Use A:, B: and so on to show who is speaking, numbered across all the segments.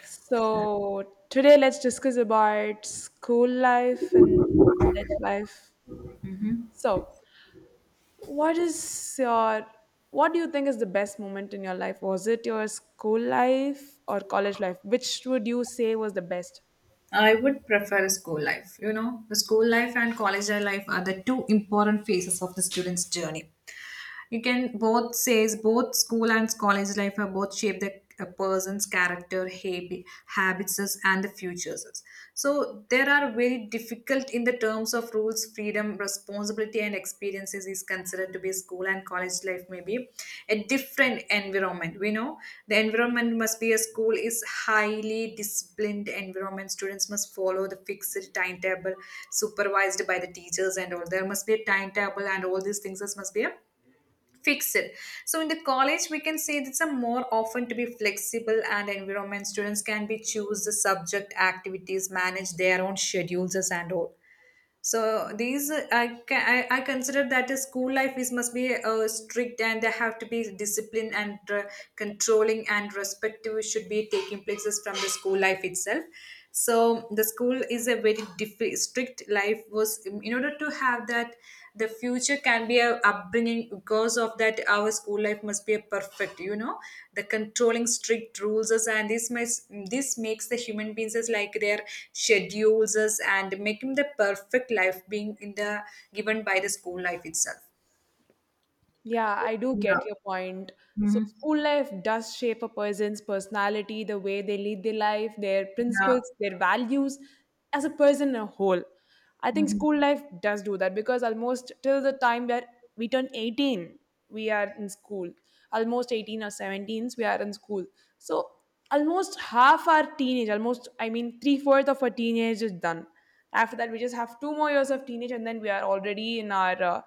A: So today let's discuss about school life and college life. So, what is your what do you think is the best moment in your life? Was it your school life or college life? Which would you say was the best?
B: I would prefer school life. You know, the school life and college life are the two important phases of the student's journey. You can both says both school and college life are both shape the a person's character habits and the futures. So there are very difficult in the terms of rules, freedom, responsibility and experiences is considered to be school and college life. Maybe a different environment, we know. The environment must be a school is highly disciplined environment. Students must follow the fixed timetable supervised by the teachers and all. There must be a timetable and all these things. This must be a fixed. So in the college, we can say it's a more often to be flexible and environment. Students can be choose the subject, activities, manage their own schedules and all. So these I consider that the school life is must be strict and they have to be disciplined and controlling and respective should be taking places from the school life itself. So the school is a very strict life was in order to have that the future can be a upbringing. Because of that, our school life must be a perfect, you know, the controlling strict rules us, and this makes the human beings as like their schedules us and making the perfect life being in the given by the school life itself.
A: Yeah, I do get
B: Yeah.
A: your point. So,
B: Mm-hmm.
A: school life does shape a person's personality, the way they lead their life, their
B: Yeah.
A: principles, their values as a person as a whole. I think
B: Hmm.
A: school life does do that because almost till the time that we turn 18, we are in school. Almost 18 or 17s, we are in school. So, almost half our teenage, almost, I mean, three-fourths of our teenage is done. After that, we just have two more years of teenage, and then we are already in our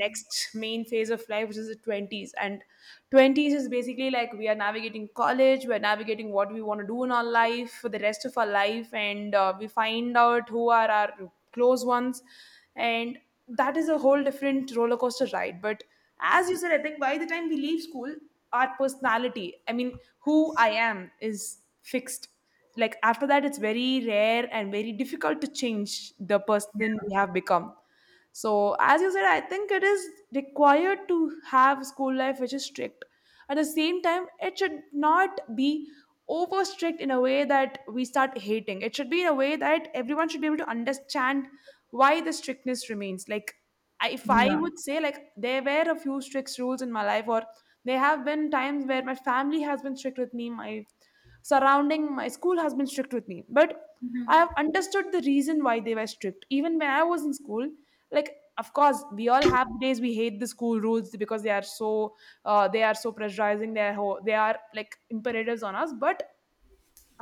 A: next main phase of life, which is the 20s. And 20s is basically like we are navigating college, we're navigating what we want to do in our life for the rest of our life. And we find out who are our close ones, and that is a whole different roller coaster ride. But as you said, I think by the time we leave school, our personality, I mean who I am, is fixed. Like, after that it's very rare and very difficult to change the person we have become. So, as you said, I think it is required to have school life which is strict. At the same time, it should not be over strict in a way that we start hating. It should be in a way that everyone should be able to understand why the strictness remains. Like, if I
B: Yeah.
A: would say, like, there were a few strict rules in my life, or there have been times where my family has been strict with me, my surrounding, my school has been strict with me. But I have understood the reason why they were strict. Even when I was in school, like, of course, we all have days we hate the school rules because they are so pressurizing. They are, they are like imperatives on us. But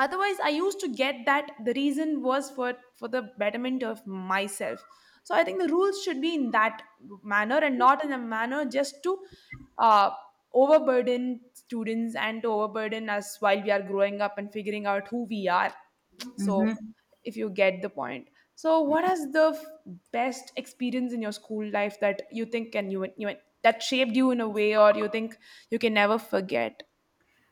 A: otherwise, I used to get that the reason was for the betterment of myself. So I think the rules should be in that manner and not in a manner just to uh, overburden students and to overburden us while we are growing up and figuring out who we are. So, if you get the point, so what is the f- best experience in your school life that you think can you, you that shaped you in a way, or you think you can never forget?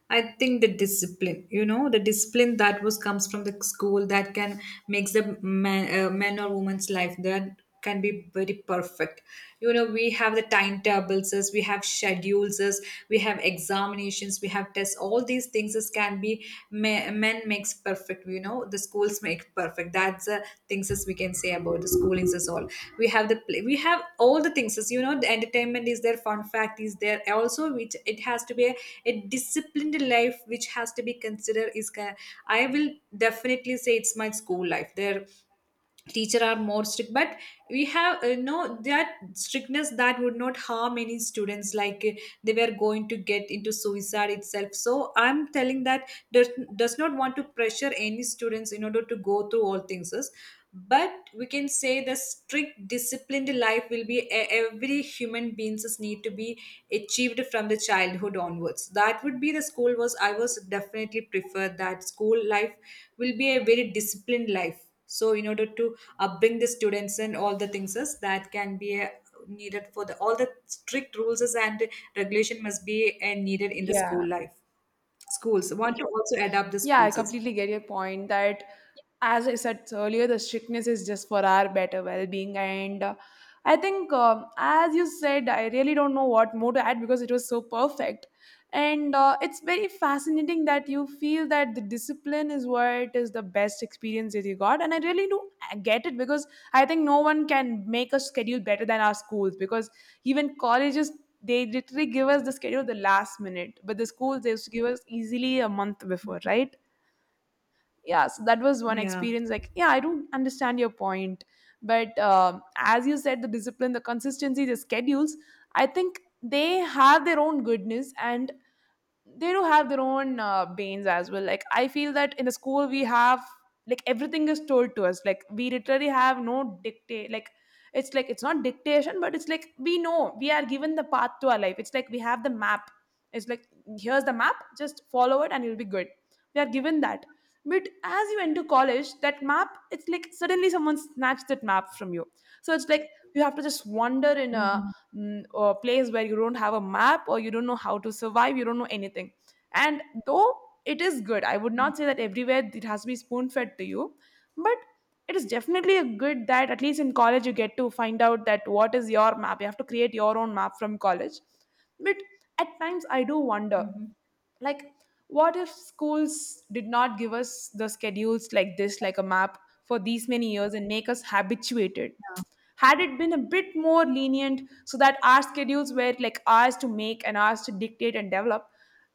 B: I think the discipline, you know, the discipline that was comes from the school that can makes the man or woman's life that can be very perfect. You know, we have the timetables, as we have schedules, as we have examinations, we have tests. All these things as can be men makes perfect, you know, the schools make perfect. That's the things as we can say about the schoolings as all. We have the play, we have all the things, as you know, the entertainment is there, fun fact is there also, which it has to be a disciplined life which has to be considered is I will definitely say it's my school life. There teacher are more strict, but we have no that strictness that would not harm any students. Like they were going to get into suicide itself. So I'm telling that does not want to pressure any students in order to go through all things. But we can say the strict disciplined life will be every human beings need to be achieved from the childhood onwards. That would be the school. Was I was definitely prefer that school life will be a very disciplined life. So in order to upbring the students and all the things is that can be needed for the all the strict rules is and regulation must be needed in the
A: Yeah.
B: school life. Schools want to also adapt the
A: Yeah, I
B: schools as well.
A: completely get your point that, as I said earlier, the strictness is just for our better well being. And I think, as you said, I really don't know what more to add because it was so perfect. And it's very fascinating that you feel that the discipline is what is the best experience that you got. And I really do get it because I think no one can make a schedule better than our schools, because even colleges, they literally give us the schedule the last minute, but the schools, they used to give us easily a month before, right? Yeah, so that was one
B: Yeah.
A: experience. Like, yeah, I don't understand your point. But as you said, the discipline, the consistency, the schedules, I think they have their own goodness, and they do have their own banes as well. Like, I feel that in the school we have like everything is told to us. Like, we literally have no dictate. Like, it's like it's not dictation, but it's like we know we are given the path to our life. It's like we have the map. It's like, here's the map, just follow it and you'll be good. We are given that. But as you enter college, that map, it's like suddenly someone snatched that map from you. So it's like you have to just wander in a
B: Hmm.
A: a place where you don't have a map, or you don't know how to survive, you don't know anything. And though it is good, I would not say that everywhere it has to be spoon fed to you, but it is definitely a good that at least in college you get to find out that what is your map. You have to create your own map from college. But at times I do wonder,
B: Hmm.
A: like, what if schools did not give us the schedules like this, like a map, for these many years and make us habituated? Had it been a bit more lenient so that our schedules were like ours to make and ours to dictate and develop,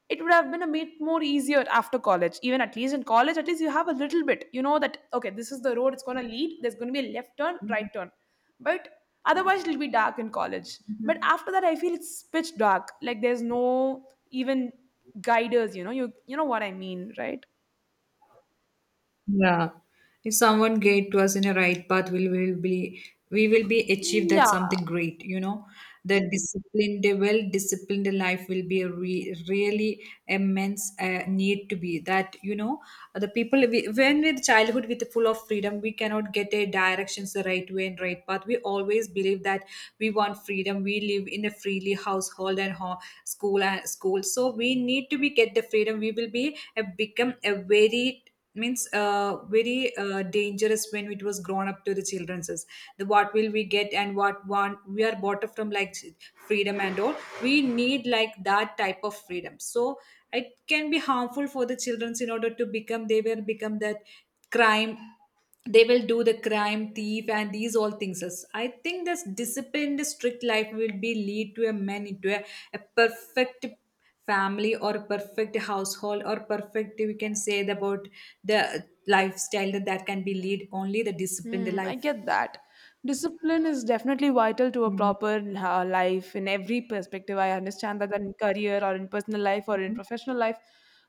A: it would have been a bit more easier after college. Even at least in college, at least you have a little bit. You know that, okay, this is the road it's going to lead. There's going to be a left turn, right turn. But otherwise, it'll be dark in college. But after that, I feel it's pitch dark. Like, there's no even guiders, you know, you know what I mean, right?
B: Yeah. If someone guide to us in a right path, we will be achieve that
A: Yeah.
B: something great, you know. The disciplined, a well-disciplined life will be a really immense need to be that, you know, the people we, when with childhood with full of freedom we cannot get a directions the right way and right path. We always believe that we want freedom. We live in a freely household and school and school, so we need to be get the freedom. We will be become a very dangerous when it was grown up to the children's is the what will we get and what want we are bought up from, like, freedom and all. We need like that type of freedom. So it can be harmful for the children's in order to become they will become that crime. They will do the crime thief and these all things. As I think this disciplined strict life will be lead to a man into a perfect family or a perfect household or perfect, we can say about the lifestyle that, that can be lead only the disciplined
A: Hmm, I
B: life.
A: get that. Discipline is definitely vital to a
B: Mhm.
A: proper life in every perspective. I understand that in career or in personal life or in professional life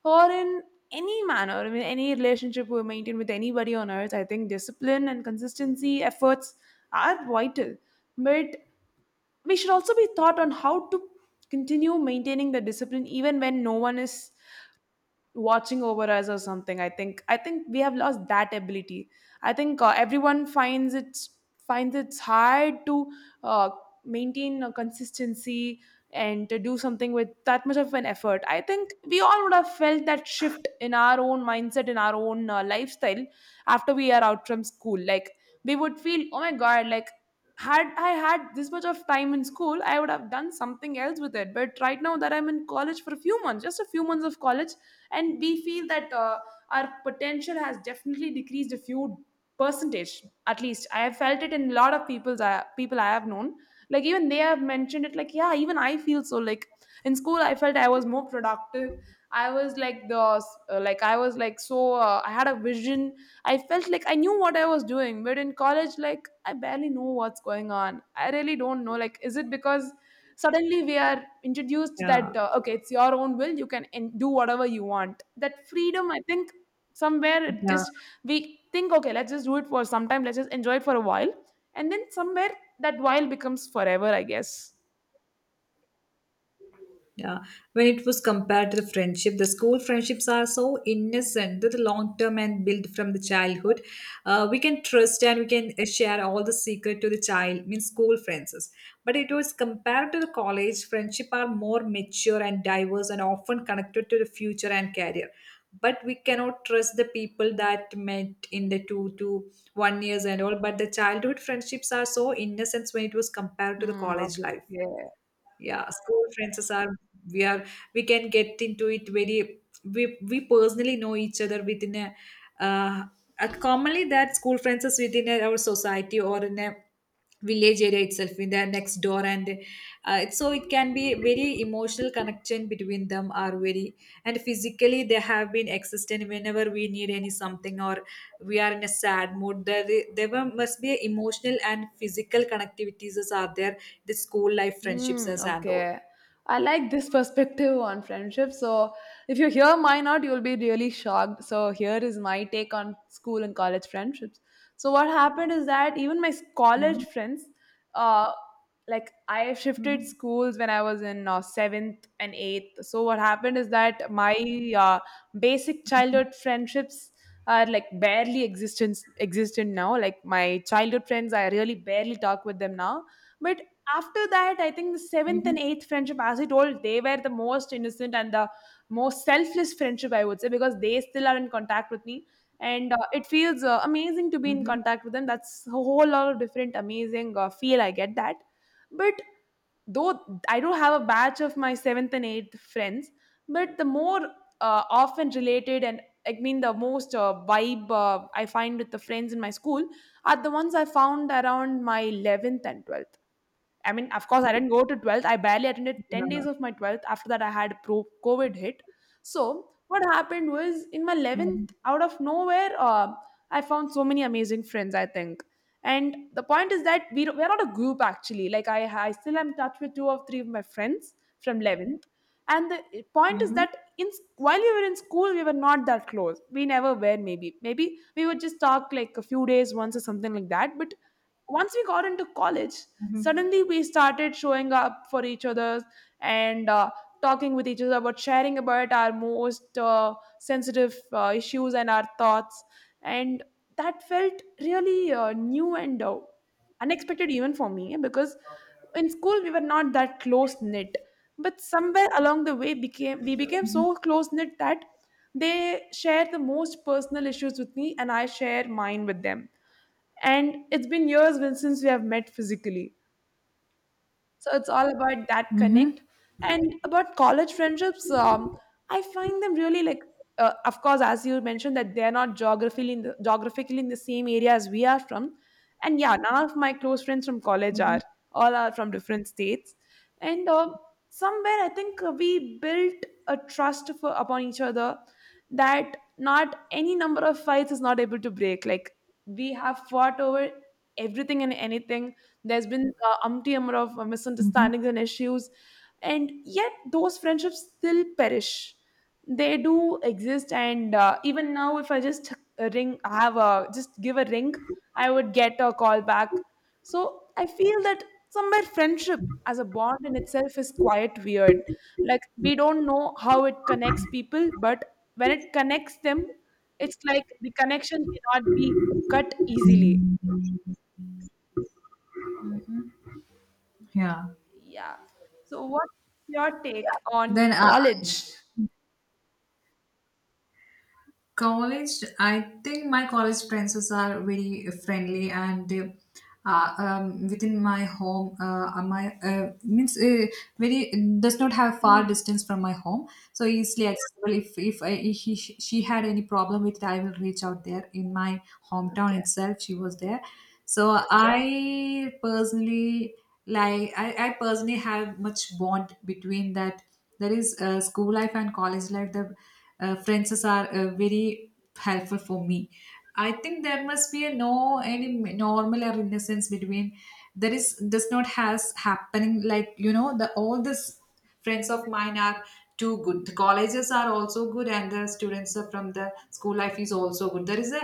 A: or in any manner, I mean, any relationship we maintain with anybody on earth, I think discipline and consistency efforts are vital. But we should also be taught on how to continue maintaining the discipline even when no one is watching over us or something. I think we have lost that ability. I think everyone finds it's hard to uh, maintain a consistency and to do something with that much of an effort. I think we all would have felt that shift in our own mindset, in our own lifestyle after we are out from school. Like, we would feel, oh my god, like, had I had this much of time in school, I would have done something else with it. But right now that I'm in college for a few months, just a few months of college, and we feel that our potential has definitely decreased a few percentage. At least I have felt it in a lot of people's people I have known. Like, even they have mentioned it, like, yeah, even I feel so. Like, in school I felt I was more productive. I was like the like I was like so I had a vision. I felt like I knew what I was doing, but in college, like, I barely know what's going on. I really don't know. Like, is it because suddenly we are introduced
B: Yeah,
A: that okay, it's your own will, you can do whatever you want, that freedom? I think somewhere it
B: yeah.
A: just, we think, okay, let's just do it for some time, let's just enjoy it for a while. And then somewhere that while becomes forever, I guess.
B: Yeah, when it was compared to the friendship, the school friendships are so innocent that the long term and built from the childhood. We can trust and we can share all the secret to the child, means school friends. But it was compared to the college, friendship are more mature and diverse and often connected to the future and career. But we cannot trust the people that met in the 2 to 1 years and all. But the childhood friendships are so innocent when it was compared to the
A: Hmm,
B: college life.
A: okay.
B: Yeah, school friends are we can get into it very we personally know each other within a uh, commonly that school friends is within our society or in a village area itself in their next door, and so it can be very emotional connection between them are very and physically they have been existent whenever we need any something or we are in a sad mood there must be a emotional and physical connectivities as are there the school life friendships
A: Hmm,
B: as and all.
A: okay. I like this perspective on friendship. So, if you hear mine out, you'll be really shocked. So, here is my take on school and college friendships. So, what happened is that even my college
B: Mhm,
A: friends, uh, like I shifted
B: mhm,
A: schools when I was in seventh and eighth. So, what happened is that my uh, basic
B: mhm,
A: childhood friendships are like barely existence existent now. Like, my childhood friends, I really barely talk with them now. But after that, I think the seventh and
B: mhm,
A: eighth friendship, as I told, they were the most innocent and the most selfless friendship, I would say, because they still are in contact with me. And it feels amazing to be in
B: mhm.
A: contact with them. That's a whole lot of different, amazing feel. I get that. But though I do have a batch of my seventh and eighth friends, but the more often related, and I mean the most vibe I find with the friends in my school are the ones I found around my 11th and 12th. I mean, of course, I didn't go to 12th. I barely attended
B: Yeah.
A: 10 days of my 12th. After that, I had pro COVID hit. So, what happened was in my
B: Mhm,
A: 11th, out of nowhere, I found so many amazing friends, I think. And the point is that we're not a group actually. Like, I still am in touch with two or three of my friends from 11th. And the point is
B: mhm,
A: that in while we were in school, we were not that close. We never were, maybe. Maybe we would just talk like a few days once or something like that. But once we got into college,
B: mhm,
A: suddenly we started showing up for each other and talking with each other about sharing about our most sensitive issues and our thoughts. And that felt really new and unexpected, even for me, because in school we were not that close knit, but somewhere along the way became we became
B: mhm,
A: so close knit that they share the most personal issues with me and I share mine with them. And it's been years since we have met physically, so it's all about that connect.
B: mhm,
A: And about college friendships, I find them really of course, as you mentioned, that they're not geographically in the, geographically in the same area as we are from. And yeah, none of my close friends from college are.
B: mhm.
A: All are from different states. And somewhere, I think we built a upon each other that not any number of fights is not able to break. Like, we have fought over everything and anything. There's been umpty number of
B: Mhm.
A: misunderstandings and issues, and yet those friendships still perish. They do exist, and even now, if I just give a ring, I would get a call back. So I feel that somewhere friendship as a bond in itself is quite weird. Like, we don't know how it connects people, but when it connects them, it's like the connection cannot be cut easily.
B: Yeah.
A: Yeah. So what's your take on
B: Then
A: college?
B: college, I think my college friends are very friendly and within my home, my means very does not have far
A: Hmm.
B: distance from my home, so easily accessible. If, I, if he, she had any problem with it, I will reach out there in my hometown
A: Okay.
B: itself. She was there, so I personally like I personally have much bond between that. There is school life and college life, the friends are very helpful for me. I think there must be a no any normal or innocence between there is does not has happening. Like, you know, the all this friends of mine are too good, the colleges are also good, and the students are from the school life is also good. There is a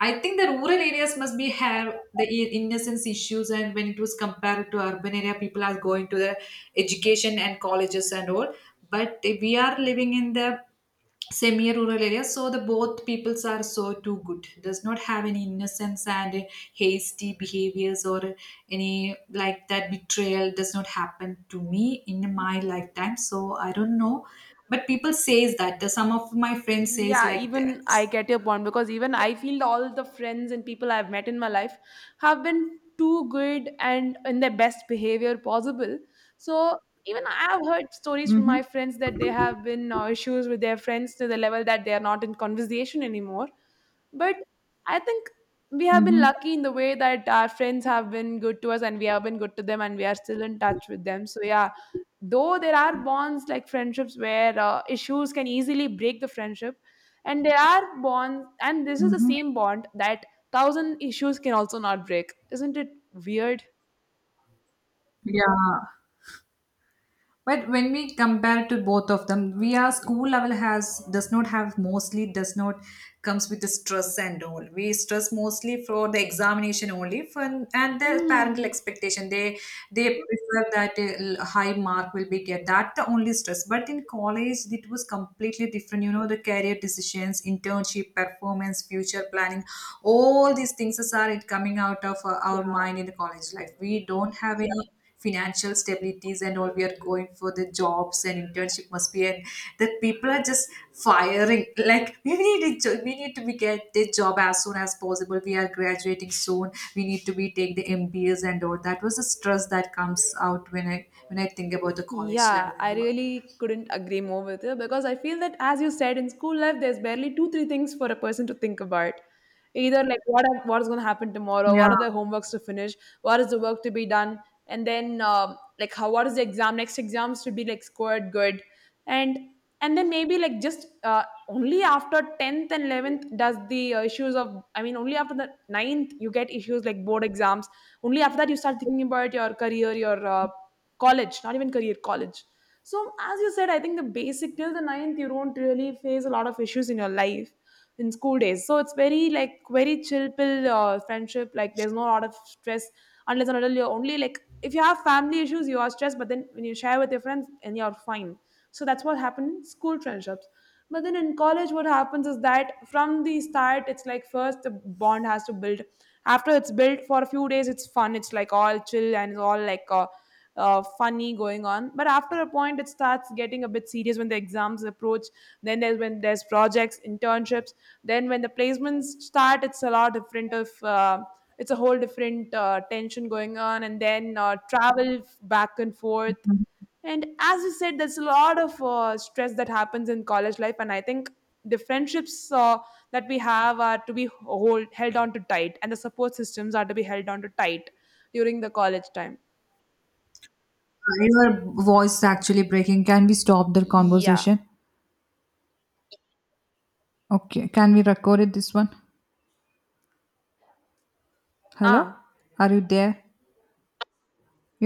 B: I think the rural areas must be have the innocence issues, and when it was compared to urban area people are going to the education and colleges and all. But we are living in the semi rural area, so the both peoples are so too good does not have any innocence and hasty behaviors or any like that betrayal does not happen to me in my lifetime. So I don't know, but people says that some of my friends says
A: Yeah,
B: like
A: even
B: that.
A: I get your point, because even I feel all the friends and people I've met in my life have been too good and in their best behavior possible. So even I have heard stories from
B: Mm-hmm.
A: my friends that they have been issues with their friends to the level that they are not in conversation anymore. But I think we have been
B: Mm-hmm.
A: lucky in the way that our friends have been good to us and we have been good to them and we are still in touch with them. So yeah, though there are bonds like friendships where issues can easily break the friendship, and there are bonds, and this is the
B: Mm-hmm.
A: same bond that thousand issues can also not break. Isn't it weird?
B: Yeah, but when we compare to both of them, we are school level has does not have mostly does not comes with the stress and all. We stress mostly for the examination only for and the parental
A: Hmm.
B: expectation. They prefer that a high mark will be get that the only stress. But in college it was completely different. You know the career decisions, internship, performance, future planning, all these things are it coming out of our
A: Yeah.
B: mind in the college life. We don't have any financial stabilities and all. We are going for the jobs and internship must be, and that people are just firing like we need a job, we need to be get the job as soon as possible, we are graduating soon, we need to be take the MBAs and all. That was the stress that comes out when I think about the college
A: Yeah,
B: level
A: I
B: and all.
A: really couldn't agree more with you, because I feel that, as you said, in school life, there's barely two, three things for a person to think about. Either like what is going to happen tomorrow, what
B: Yeah.
A: are the homeworks to finish, what is the work to be done, and then like how what is the exam next exams to be like scored good, and and then maybe like just only after 10th and 11th does the issues of only after the ninth you get issues like board exams. Only after that you start thinking about your career, your college, not even career, college. So as you said, I think the basic, till the ninth you don't really face a lot of issues in your life, in school days. So it's very like very chill pill friendship. Like, there's no lot of stress unless and until you're only like if you have family issues, you are stressed. But then when you share with your friends, and you're fine. So that's what happened in school friendships. But then in college, what happens is that from the start, it's like first the bond has to build. After it's built for a few days, it's fun. It's like all chill and it's all like funny going on, but after a point it starts getting a bit serious when the exams approach, then there's when there's projects, internships, then when the placements start, it's a lot different of it's a whole different tension going on, and then travel back and forth. And as you said, there's a lot of stress that happens in college life, and I think the friendships that we have are to be held on to tight, and the support systems are to be held on to tight during the college time.
B: Your voice is actually breaking. Can we stop the
A: 呀
B: conversation? Okay. Can we record it this one? Hello?
A: 啊
B: Are you there?